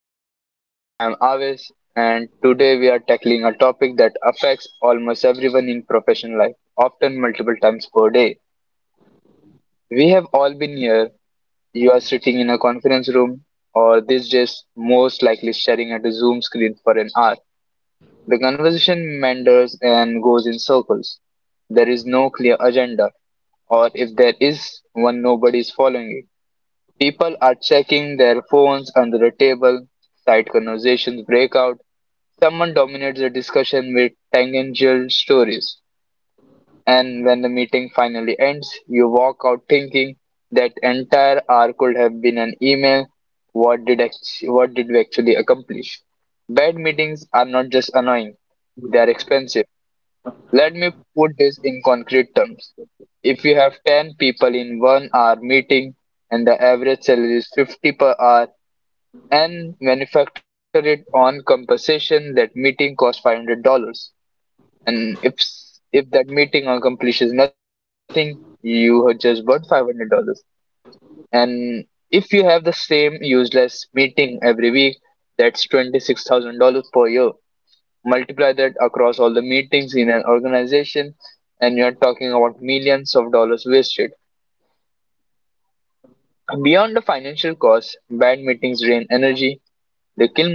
Professional Pulse. I'm Aves, and today we are tackling a topic that affects almost everyone in professional life, often multiple times per day. We have all been here. You are sitting in a conference room, or these days most likely staring at a Zoom screen for an hour. The conversation meanders and goes in circles. There is no clear agenda, or if there is one, nobody is following it. People are checking their phones under a table, side conversations break out, someone dominates the discussion with tangential stories, and when the meeting finally ends, you walk out thinking that entire hour could have been an email. What did we actually accomplish? Bad meetings are not just annoying, they are expensive. Let me put this in concrete terms. If you have 10 people in 1 hour meeting and the average salary is 50 per hour, and manufactured it on compensation, that meeting costs $500. And if that meeting accomplishes nothing, you have just burned $500. And if you have the same useless meeting every week, that's $26,000 per year. Multiply that across all the meetings in an organization and you're talking about millions of dollars wasted. Beyond the financial cost, bad meetings drain energy, they kill.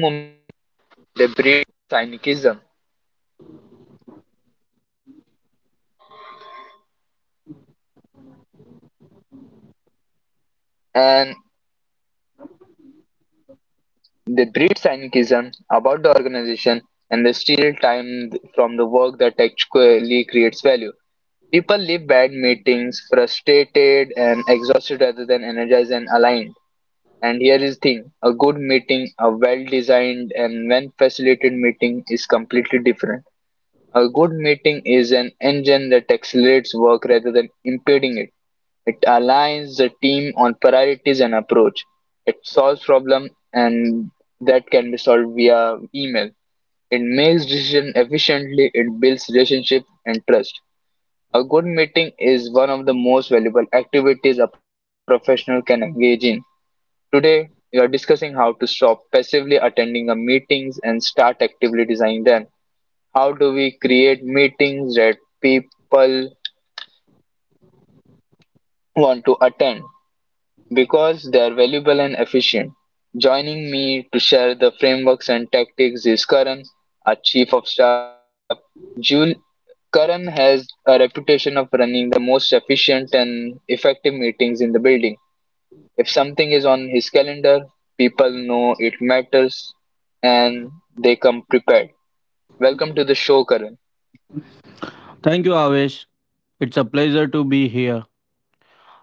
They breed cynicism about the organization and they steal time from the work that actually creates value. People leave bad meetings frustrated and exhausted rather than energized and aligned. And here is the thing: a good meeting, a well designed and well facilitated meeting, is completely different. A good meeting is an engine that accelerates work rather than impeding it. It aligns the team on priorities and approach. It solves problem and that can be via email. It makes decision efficiently. It builds relationship and trust. A good meeting is one of the most valuable activities a professional can engage in. Today, we are discussing how to stop passively attending the meetings and start actively designing them. How do we create meetings that people want to attend? Because they are valuable and efficient. Joining me to share the frameworks and tactics is Karan, our Chief of Staff. Jul- Karan has a reputation of running the most efficient and effective meetings in the building. If something is on his calendar, people know it matters and they come prepared. Welcome to the show, Karan. Thank you, Avesh. It's a pleasure to be here.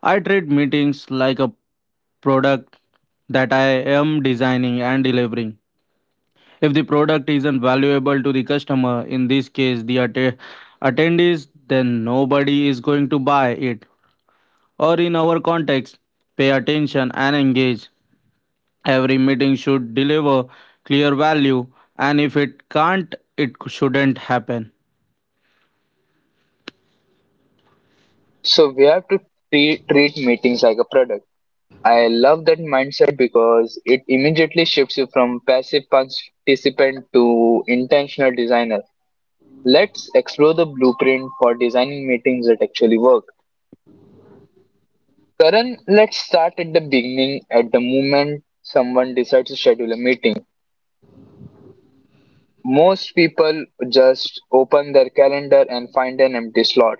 I treat meetings like a product that I am designing and delivering. If the product isn't valuable to the customer, in this case, the attendees, then nobody is going to buy it. Or in our context, pay attention and engage. Every meeting should deliver clear value, and if it can't, it shouldn't happen. So, we have to treat meetings like a product. I love that mindset because it immediately shifts you from passive participant to intentional designer. Let's explore the blueprint for designing meetings that actually work. Karan, let's start at the beginning, at the moment someone decides to schedule a meeting. Most people just open their calendar and find an empty slot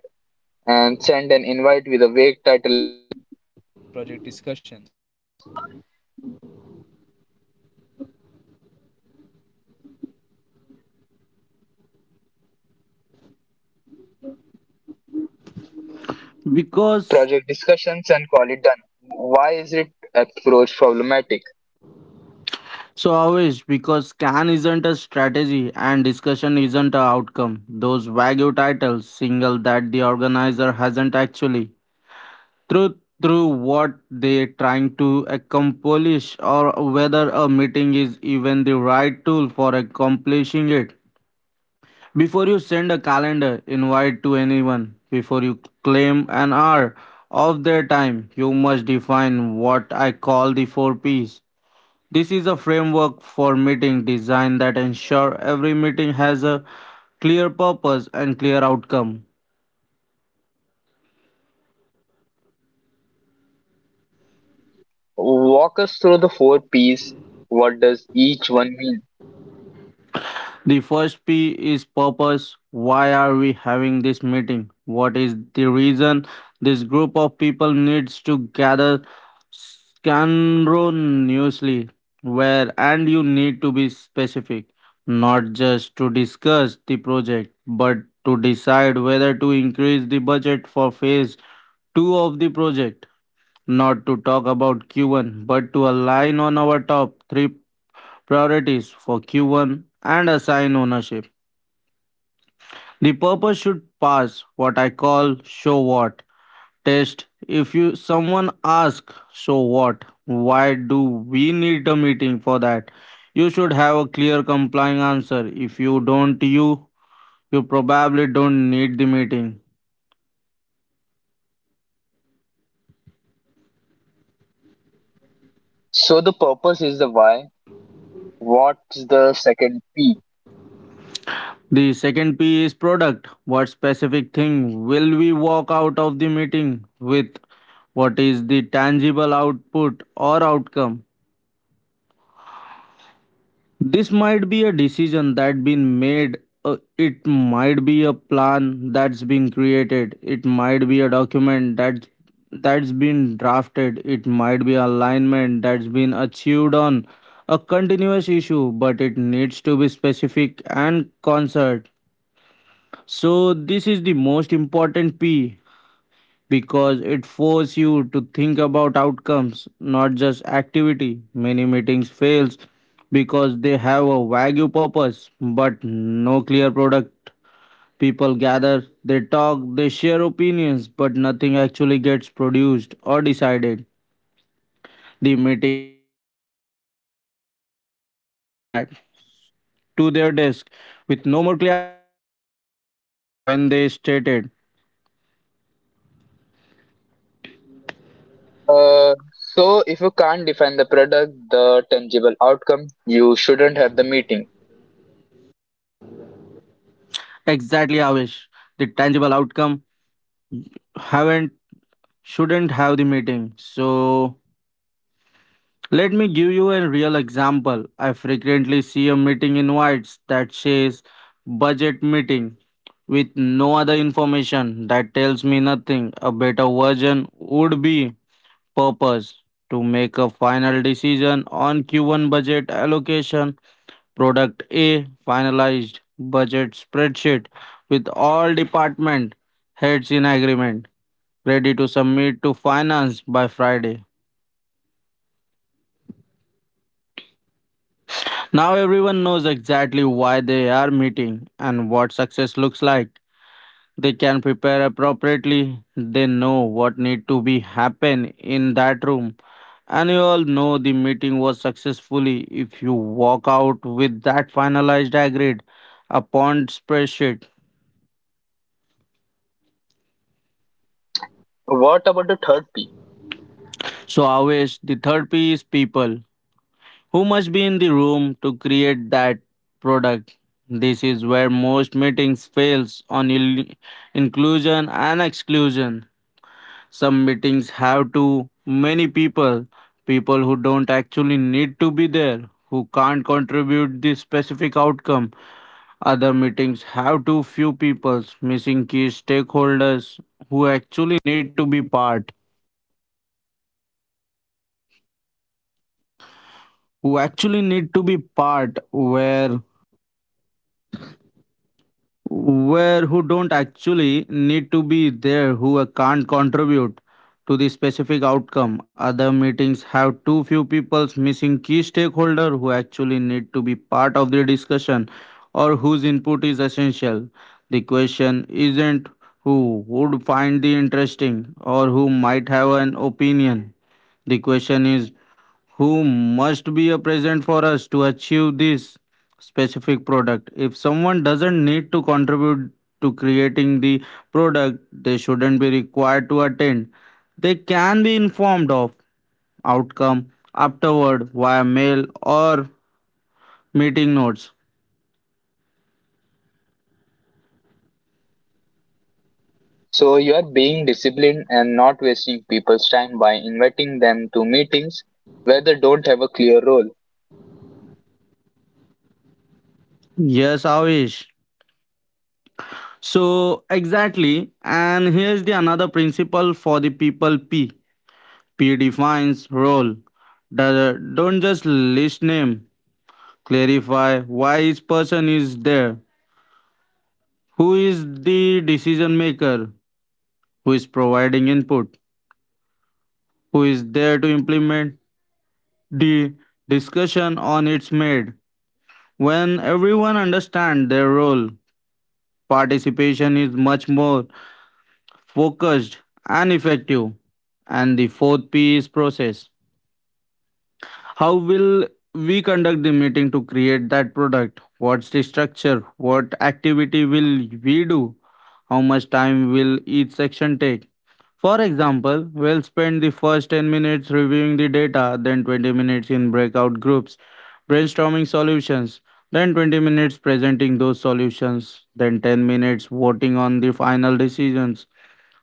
and send an invite with a vague title, Because project discussions, and call it done. Why is it approach problematic? Avish, because scan isn't a strategy and discussion isn't a outcome, those vague titles single that the organizer hasn't actually through through what they're trying to accomplish or whether a meeting is even the right tool for accomplishing it. Before you send a calendar invite to anyone, before you claim an hour of their time, you must define what I call the four P's. This is a framework for meeting design that ensure every meeting has a clear purpose and clear outcome. Walk us through the four P's. What does each one mean? The first P is purpose. Why are we having this meeting? What is the reason this group of people needs to gather scandalously? Where and you need to be specific, not just to discuss the project, but to decide whether to increase the budget for phase two of the project, not to talk about Q1, but to align on our top three priorities for Q1 and assign ownership. The purpose should pass what I call show what test. If you someone asks, so what? Why do we need a meeting for that? You should have a clear complying answer. If you don't, you probably don't need the meeting. So the purpose is the why. What's the second P? The second P is product. What specific thing will we walk out of the meeting with? What is the tangible output or outcome? This might be a decision that been made. It might be a plan that's been created. It might be a document that's been drafted. It might be alignment that's been achieved on a continuous issue, but it needs to be specific and concert. So this is the most important P because it forces you to think about outcomes, not just activity. Many meetings fails because they have a vague purpose but no clear product. People gather, they talk, they share opinions, but nothing actually gets produced or decided. The meeting ends and everyone goes back to their desk with no more clarity than when they started. Uh, so if you can't define the product, the tangible outcome, you shouldn't have the meeting. Exactly, Avish. Outcome haven't Shouldn't have the meeting. So let me give you a real example. I frequently see a meeting invites that says budget meeting with no other information. That tells me nothing. A better version would be: purpose, to make a final decision on Q1 budget allocation; product, a finalized budget spreadsheet with all department heads in agreement, ready to submit to finance by Friday. Now everyone knows exactly why they are meeting and what success looks like. They can prepare appropriately. They know what need to be happen in that room. And you all know the meeting was successfully if you walk out with that finalized agreed upon spreadsheet. What about the third P? So, Avesh, the third piece, people, who must be in the room to create that product. This is where most meetings fails on inclusion and exclusion. Some meetings have too many people, people who don't actually need to be there, who can't contribute the specific outcome. Other meetings have too few people, missing key stakeholders, where who don't actually need to be there who can't contribute to the specific outcome Other meetings have too few people, missing key stakeholder who actually need to be part of the discussion or whose input is essential. The question isn't who would find the interesting or who might have an opinion. The question is who must be a present for us to achieve this specific product. If someone doesn't need to contribute to creating the product, they shouldn't be required to attend. They can be informed of outcome afterward via mail or meeting notes. So you are being disciplined and not wasting people's time by inviting them to meetings where they don't have a clear role. Yes, Avish, so exactly. And here's the another principle for the people P. P defines role. Don't just list name, clarify why each person is there. Who is the decision maker? Who is providing input? Who is there to implement the discussion on its made? When everyone understands their role, participation is much more focused and effective. And the fourth P is process. How will we conduct the meeting to create that product? What's the structure? What activity will we do? How much time will each section take? For example, we'll spend the first 10 minutes reviewing the data, then 20 minutes in breakout groups brainstorming solutions, then 20 minutes presenting those solutions, then 10 minutes voting on the final decisions.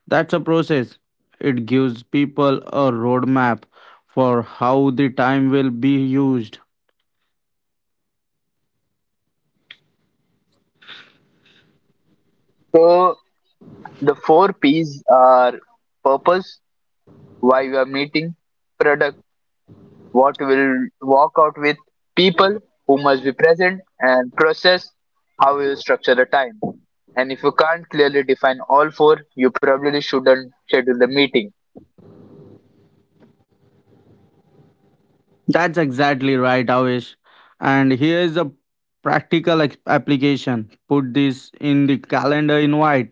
That's a process. It gives people a roadmap for how the time will be used. So the four P's are purpose, why we are meeting; product, what you will walk out with; people, who must be present; and process, how you structure the time. And if you can't clearly define all four, you probably shouldn't schedule the meeting. That's exactly right, Avish. And here's a practical application. Put this in the calendar invite.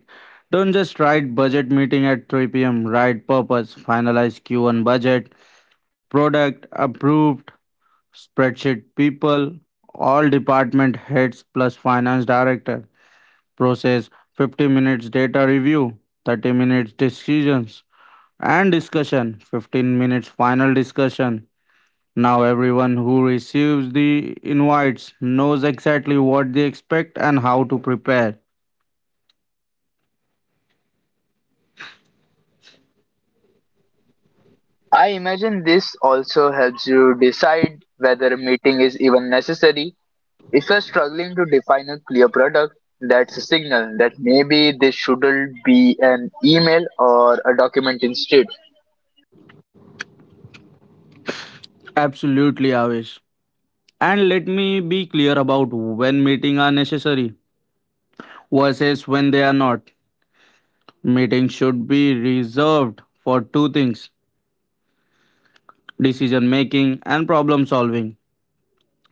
Don't just write budget meeting at 3 pm. Write: purpose, finalize Q1 budget; product, approved spreadsheet; people, all department heads plus finance director; process, 50 minutes data review, 30 minutes decisions and discussion, 15 minutes final discussion. Now everyone who receives the invites knows exactly what they expect and how to prepare. I imagine this also helps you decide whether a meeting is even necessary. If you're struggling to define a clear product, that's a signal that maybe this shouldn't be an email or a document instead. Absolutely, Avish. And let me be clear about when meetings are necessary versus when they are not. Meetings should be reserved for two things: decision making and problem solving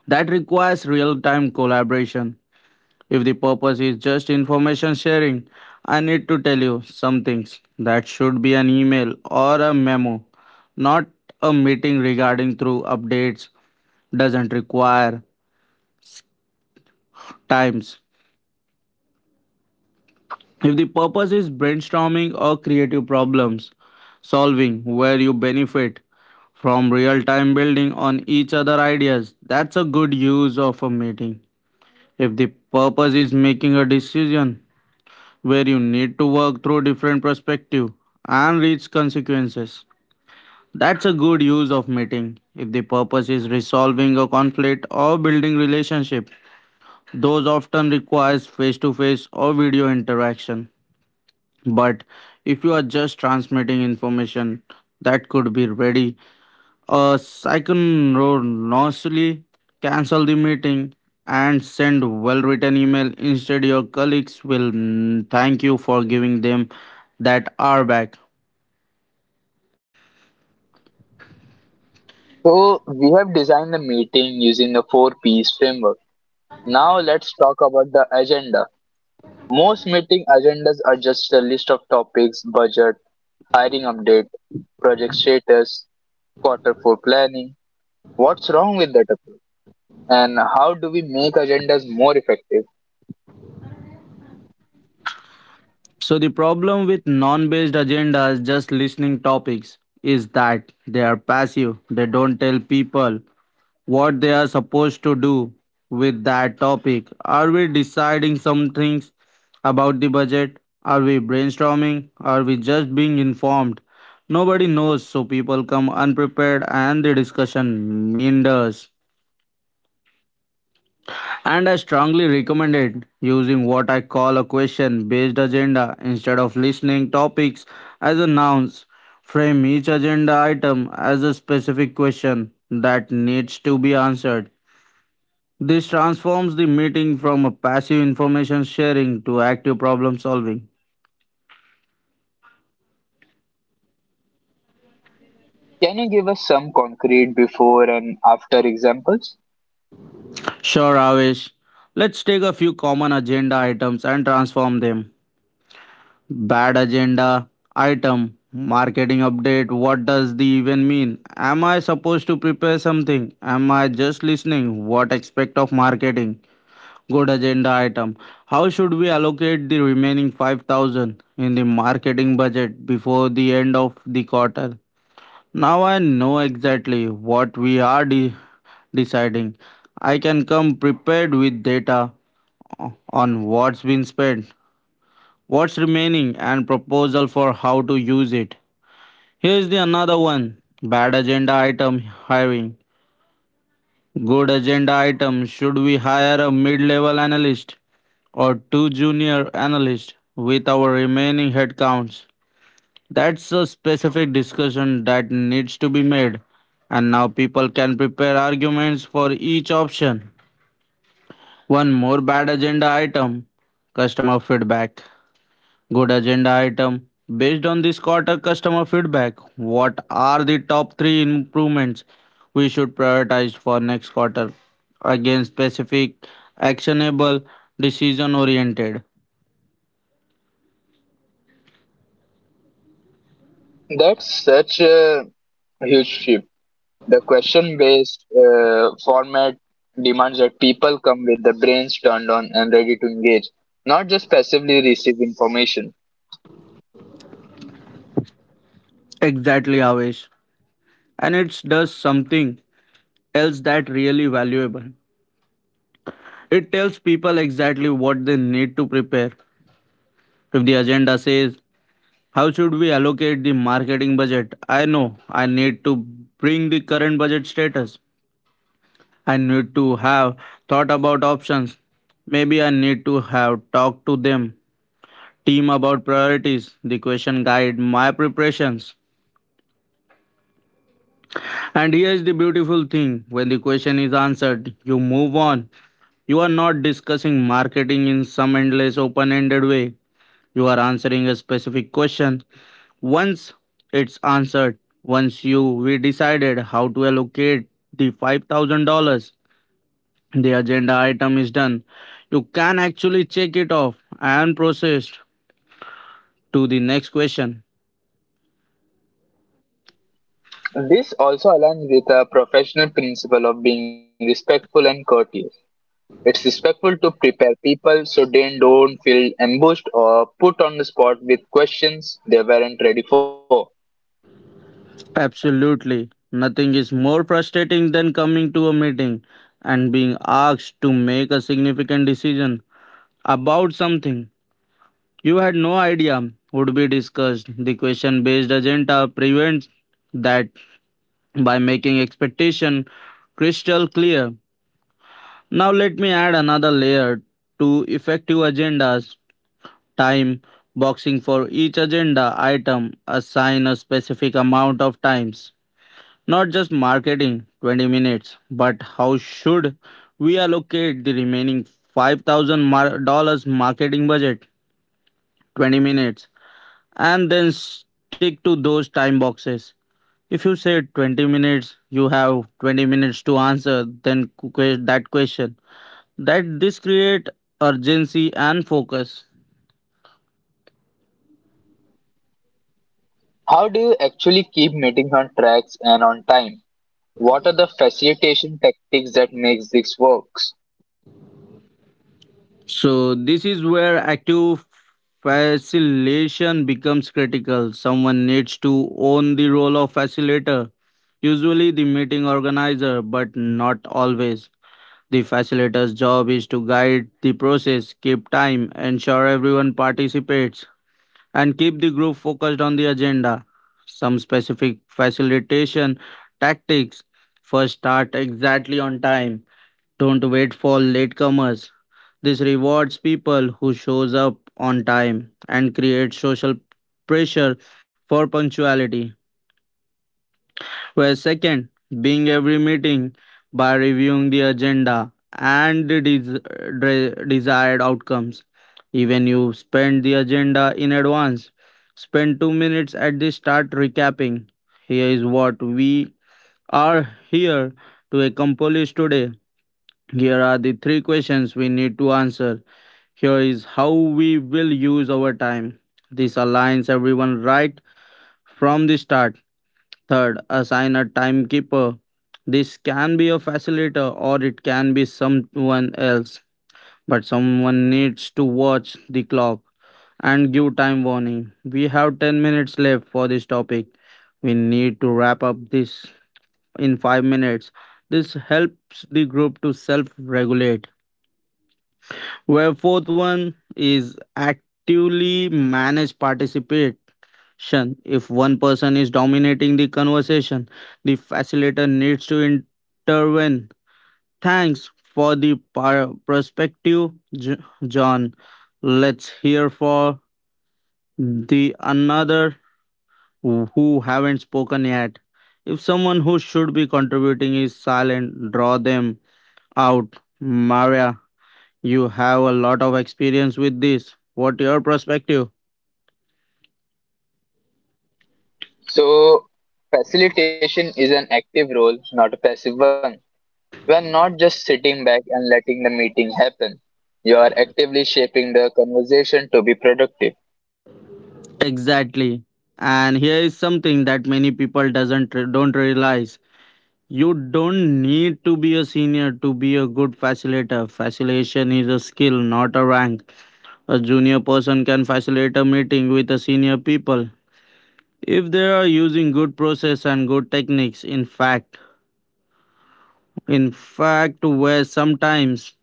that requires real time collaboration. If the purpose is just information sharing, I need to tell you some things, that should be an email or a memo, not a meeting. Regarding through updates doesn't require times. If the purpose is brainstorming or creative problems solving where you benefit from real time building on each other ideas, that's a good use of a meeting. If the purpose is making a decision where you need to work through different perspective and reach consequences, that's a good use of meeting. If the purpose is resolving a conflict or building relationship, those often requires face-to-face or video interaction. But if you are just transmitting information that could be ready a second road noisily, cancel the meeting and send well-written email. Instead, your colleagues will thank you for giving them that are back. So we have designed the meeting using the four P's framework. Now let's talk about the agenda. Most meeting agendas are just a list of topics: budget, hiring update, project status, quarter four planning. What's wrong with that approach? And how do we make agendas more effective? So the problem with non-based agendas, just listening topics, is that they are passive. They don't tell people what they are supposed to do with that topic. Are we deciding some things about the budget? Are we brainstorming? Are we just being informed? Nobody knows, so people come unprepared and the discussion meanders. And I strongly recommend it using what I call a question based agenda instead of listening topics as a nouns. Frame each agenda item as a specific question that needs to be answered. This transforms the meeting from a passive information sharing to active problem solving. Can you give us some concrete before and after examples? Sure, Avish. Let's take a few common agenda items and transform them. Bad agenda item: marketing update. What does the even mean? Am I supposed to prepare something? Am I just listening? What aspect of marketing? Good agenda item: how should we allocate the remaining 5,000 in the marketing budget before the end of the quarter? Now I know exactly what we are deciding. I can come prepared with data on what's been spent, what's remaining, and proposal for how to use it. Here's the another one. Bad agenda item: hiring. Good agenda item: should we hire a mid-level analyst or two junior analysts with our remaining headcounts? That's a specific discussion that needs to be made. And now people can prepare arguments for each option. One more bad agenda item: customer feedback. Good agenda item: based on this quarter customer feedback, what are the top three improvements we should prioritize for next quarter? Again, specific, actionable, decision oriented. That's such a huge shift. The question based format demands that people come with their brains turned on and ready to engage, not just passively receive information. Exactly, Avesh. And it does something else that really valuable. It tells people exactly what they need to prepare. If the agenda says, how should we allocate the marketing budget? I know I need to bring the current budget status. I need to have thought about options. Maybe I need to have talked to them. Team about priorities. The question guide my preparations. And here is the beautiful thing: when the question is answered, you move on. You are not discussing marketing in some endless open ended way. You are answering a specific question. Once it's answered, once you we decided how to allocate the $5,000, the agenda item is done. You can actually check it off and proceed to the next question. This also aligns with a professional principle of being respectful and courteous. It's respectful to prepare people so they don't feel ambushed or put on the spot with questions they weren't ready for. Absolutely. Nothing is more frustrating than coming to a meeting and being asked to make a significant decision about something you had no idea would be discussed. The question based agenda prevents that by making expectation crystal clear. Now let me add another layer to effective agendas, time boxing. For each agenda item, assign a specific amount of times, not just marketing 20 minutes, but how should we allocate the remaining $5,000 marketing budget, 20 minutes, and then stick to those time boxes. If you say 20 minutes, you have 20 minutes to answer then that question. That this create urgency and focus. How do you actually keep meetings on tracks and on time? What are the facilitation tactics that makes this work? So this is where active facilitation becomes critical. Someone needs to own the role of facilitator, usually the meeting organizer, but not always. The facilitator's job is to guide the process, keep time, ensure everyone participates, and keep the group focused on the agenda. Some specific facilitation tactics. First, start exactly on time. Don't wait for latecomers. This rewards people who shows up on time and creates social pressure for punctuality. Where second, being every meeting by reviewing the agenda and the desired outcomes. Even you spend the agenda in advance. Spend 2 minutes at the start recapping. Here is what we are here to accomplish today. Here are the three questions we need to answer. Here is how we will use our time. This aligns everyone right from the start. Third, assign a timekeeper. This can be a facilitator or it can be someone else, but someone needs to watch the clock and give time warning. We have 10 minutes left for this topic. We need to wrap up this in 5 minutes. This helps the group to self regulate. Where fourth one is actively manage participate Shan, if one person is dominating the conversation, the facilitator needs to intervene. Thanks for the perspective, J- John. Let's hear for the another who haven't spoken yet. If someone who should be contributing is silent, draw them out. Maria, you have a lot of experience with this. What your perspective? So, facilitation is an active role, not a passive one. You are not just sitting back and letting the meeting happen. You are actively shaping the conversation to be productive. Exactly. And here is something that many people doesn't don't realize. You don't need to be a senior to be a good facilitator. Facilitation is a skill, not a rank. A junior person can facilitate a meeting with a senior people if they are using good process and good techniques. In fact, where sometimes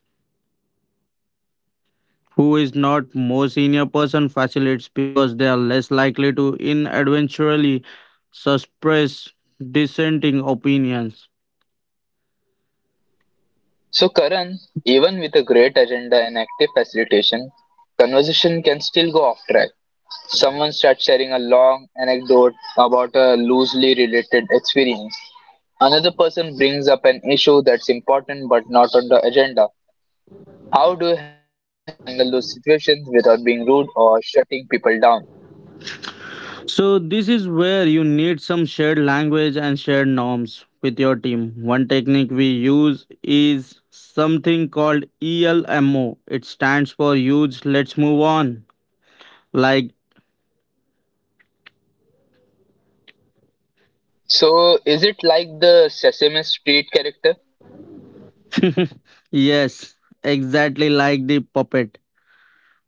who is not more senior person facilitates because they are less likely to inadvertently suppress dissenting opinions. So, Karan, even with a great agenda and active facilitation, conversation can still go off track. Someone starts sharing a long anecdote about a loosely related experience. Another person brings up an issue that's important but not on the agenda. How do you handle those situations without being rude or shutting people down? So this is where you need some shared language and shared norms with your team. One technique we use is something called ELMO. It stands for huge, let's move on. Like So, is it like the Sesame Street character? yes, exactly like the puppet,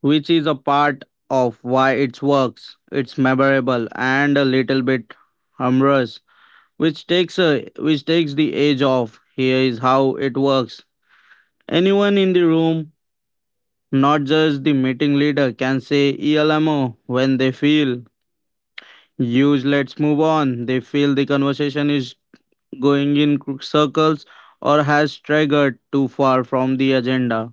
which is a part of why it works. It's memorable and a little bit humorous, which takes a which takes the edge off. Here is how it works. Anyone in the room, not just the meeting leader, can say ELMO when they feel. Use let's move on. They feel the conversation is going in circles or has strayed too far from the agenda.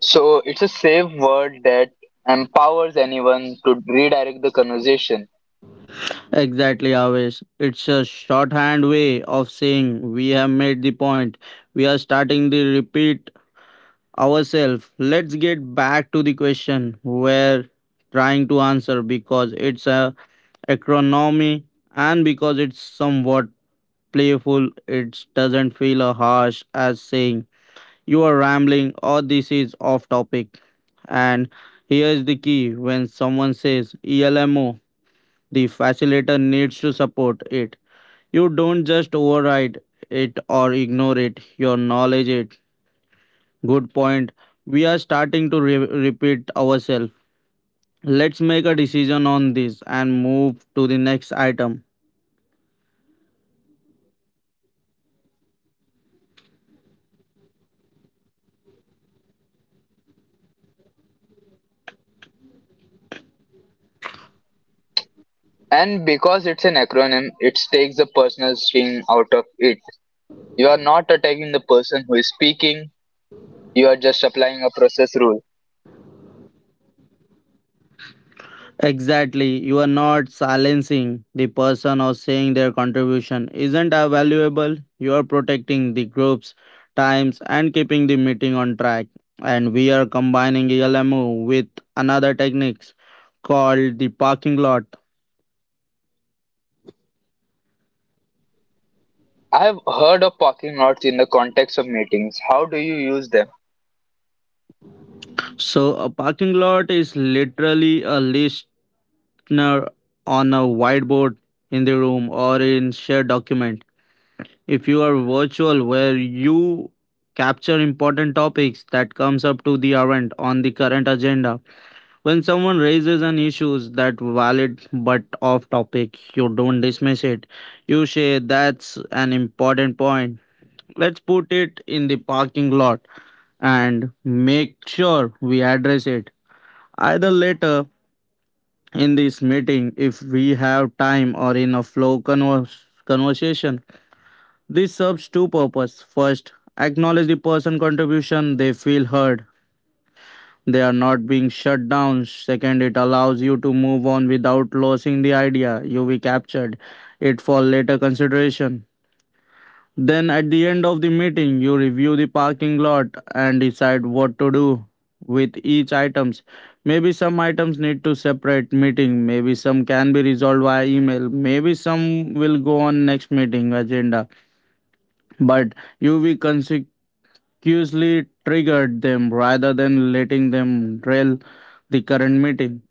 So, it's a safe word that empowers anyone to redirect the conversation. Exactly, Avesh. It's a shorthand way of saying we have made the point. We are starting the repeat ourselves. Let's get back to the question we're trying to answer. Because it's a acronym and because it's somewhat playful, it doesn't feel a harsh as saying you are rambling or this is off topic. And here is the key: when someone says ELMO, the facilitator needs to support it. You don't just override it or ignore it, you acknowledge it. Good point. We are starting to repeat ourselves. Let's make a decision on this and move to the next item. And because it's an acronym, it takes the personal sting out of it. You are not attacking the person who is speaking, you are just applying a process rule. Exactly. You are not silencing the person or saying their contribution isn't a valuable. You are protecting the group's times and keeping the meeting on track. And we are combining ELMO with another technique called the parking lot. I have heard of parking lots in the context of meetings. How do you use them? So a parking lot is literally a listener on whiteboard in the room or in shared document, if you are virtual, where you capture important topics that comes up to the event on the current agenda. When someone raises an issues that valid but off topic, you don't dismiss it. You say that's an important point. Let's put it in the parking lot and make sure we address it either later in this meeting, if we have time, or in a flow conversation. This serves two. First, acknowledge the person contribution, they feel heard. They are not being shut down. Second, it allows you to move on without losing the idea. You we captured it for later consideration. Then at the end of the meeting, you review the parking lot and decide what to do with each items. Maybe some items need to separate meeting, maybe some can be resolved via email, maybe some will go on next meeting agenda. But you will consecutively trigger them rather than letting them derail the current meeting.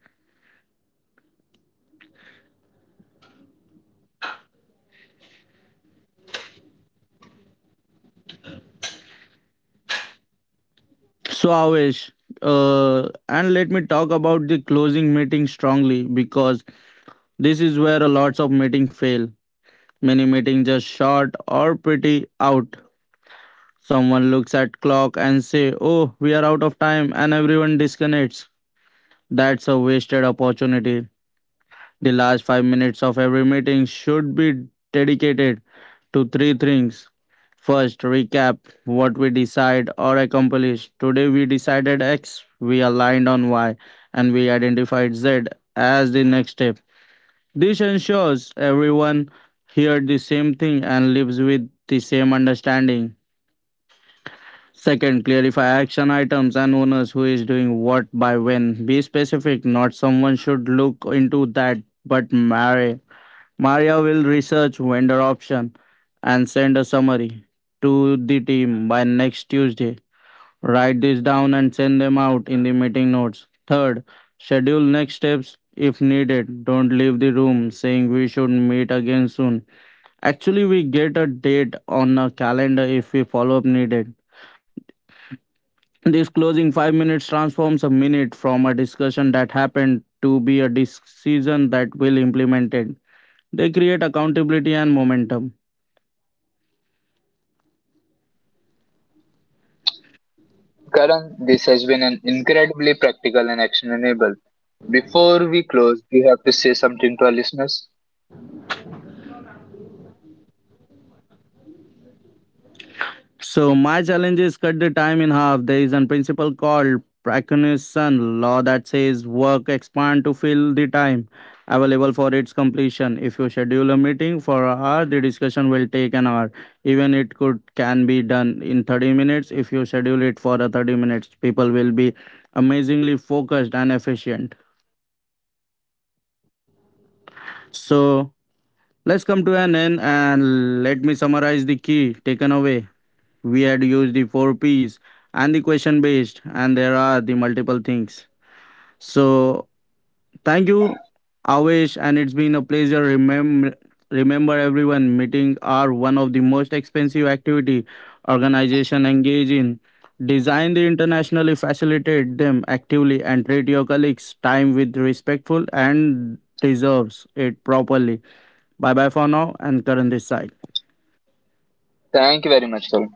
So Avesh, and let me talk about the closing meeting strongly, because this is where a lots of meeting fail. Many meetings just short or pretty out. Someone looks at clock and say, "Oh, we are out of time," and everyone disconnects. That's a wasted opportunity. The last 5 minutes of every meeting should be dedicated to three things. First, recap what we decide or accomplish. Today we decided X, we aligned on Y, and we identified Z as the next step. This ensures everyone hears the same thing and lives with the same understanding. Second, clarify action items and owners, who is doing what by when. Be specific, not someone should look into that, but Maria. Maria will research vendor option and send a summary to the team by next Tuesday. Write this down and send them out in the meeting notes. Third, schedule next steps if needed. Don't leave the room saying we should meet again soon. Actually, we get a date on a calendar if we follow up needed. This closing 5 minutes transforms a minute from a discussion that happened to be a decision that will implemented. They create accountability and momentum. Karan, this has been an incredibly practical and actionable. Before we close, do you have to say something to our listeners? So my challenge is cut the time in half. There is a principle called Prakanasan law that says work expand to fill the time available for its completion. If you schedule a meeting for an hour, the discussion will take an hour, even it could can be done in 30 minutes. If you schedule it for a 30 minutes, people will be amazingly focused and efficient. So let's come to an end and let me summarize the key taken away. We had used the four p's and the question based, and there are the multiple things. So thank you, Avesh, and it's been a pleasure. Remember everyone, meeting are one of the most expensive activity organization engage in. Design the internationally, facilitate them actively, and treat your colleagues time with respectful and deserves it properly. Bye bye for now, and Current this side. Thank you very much, Karan.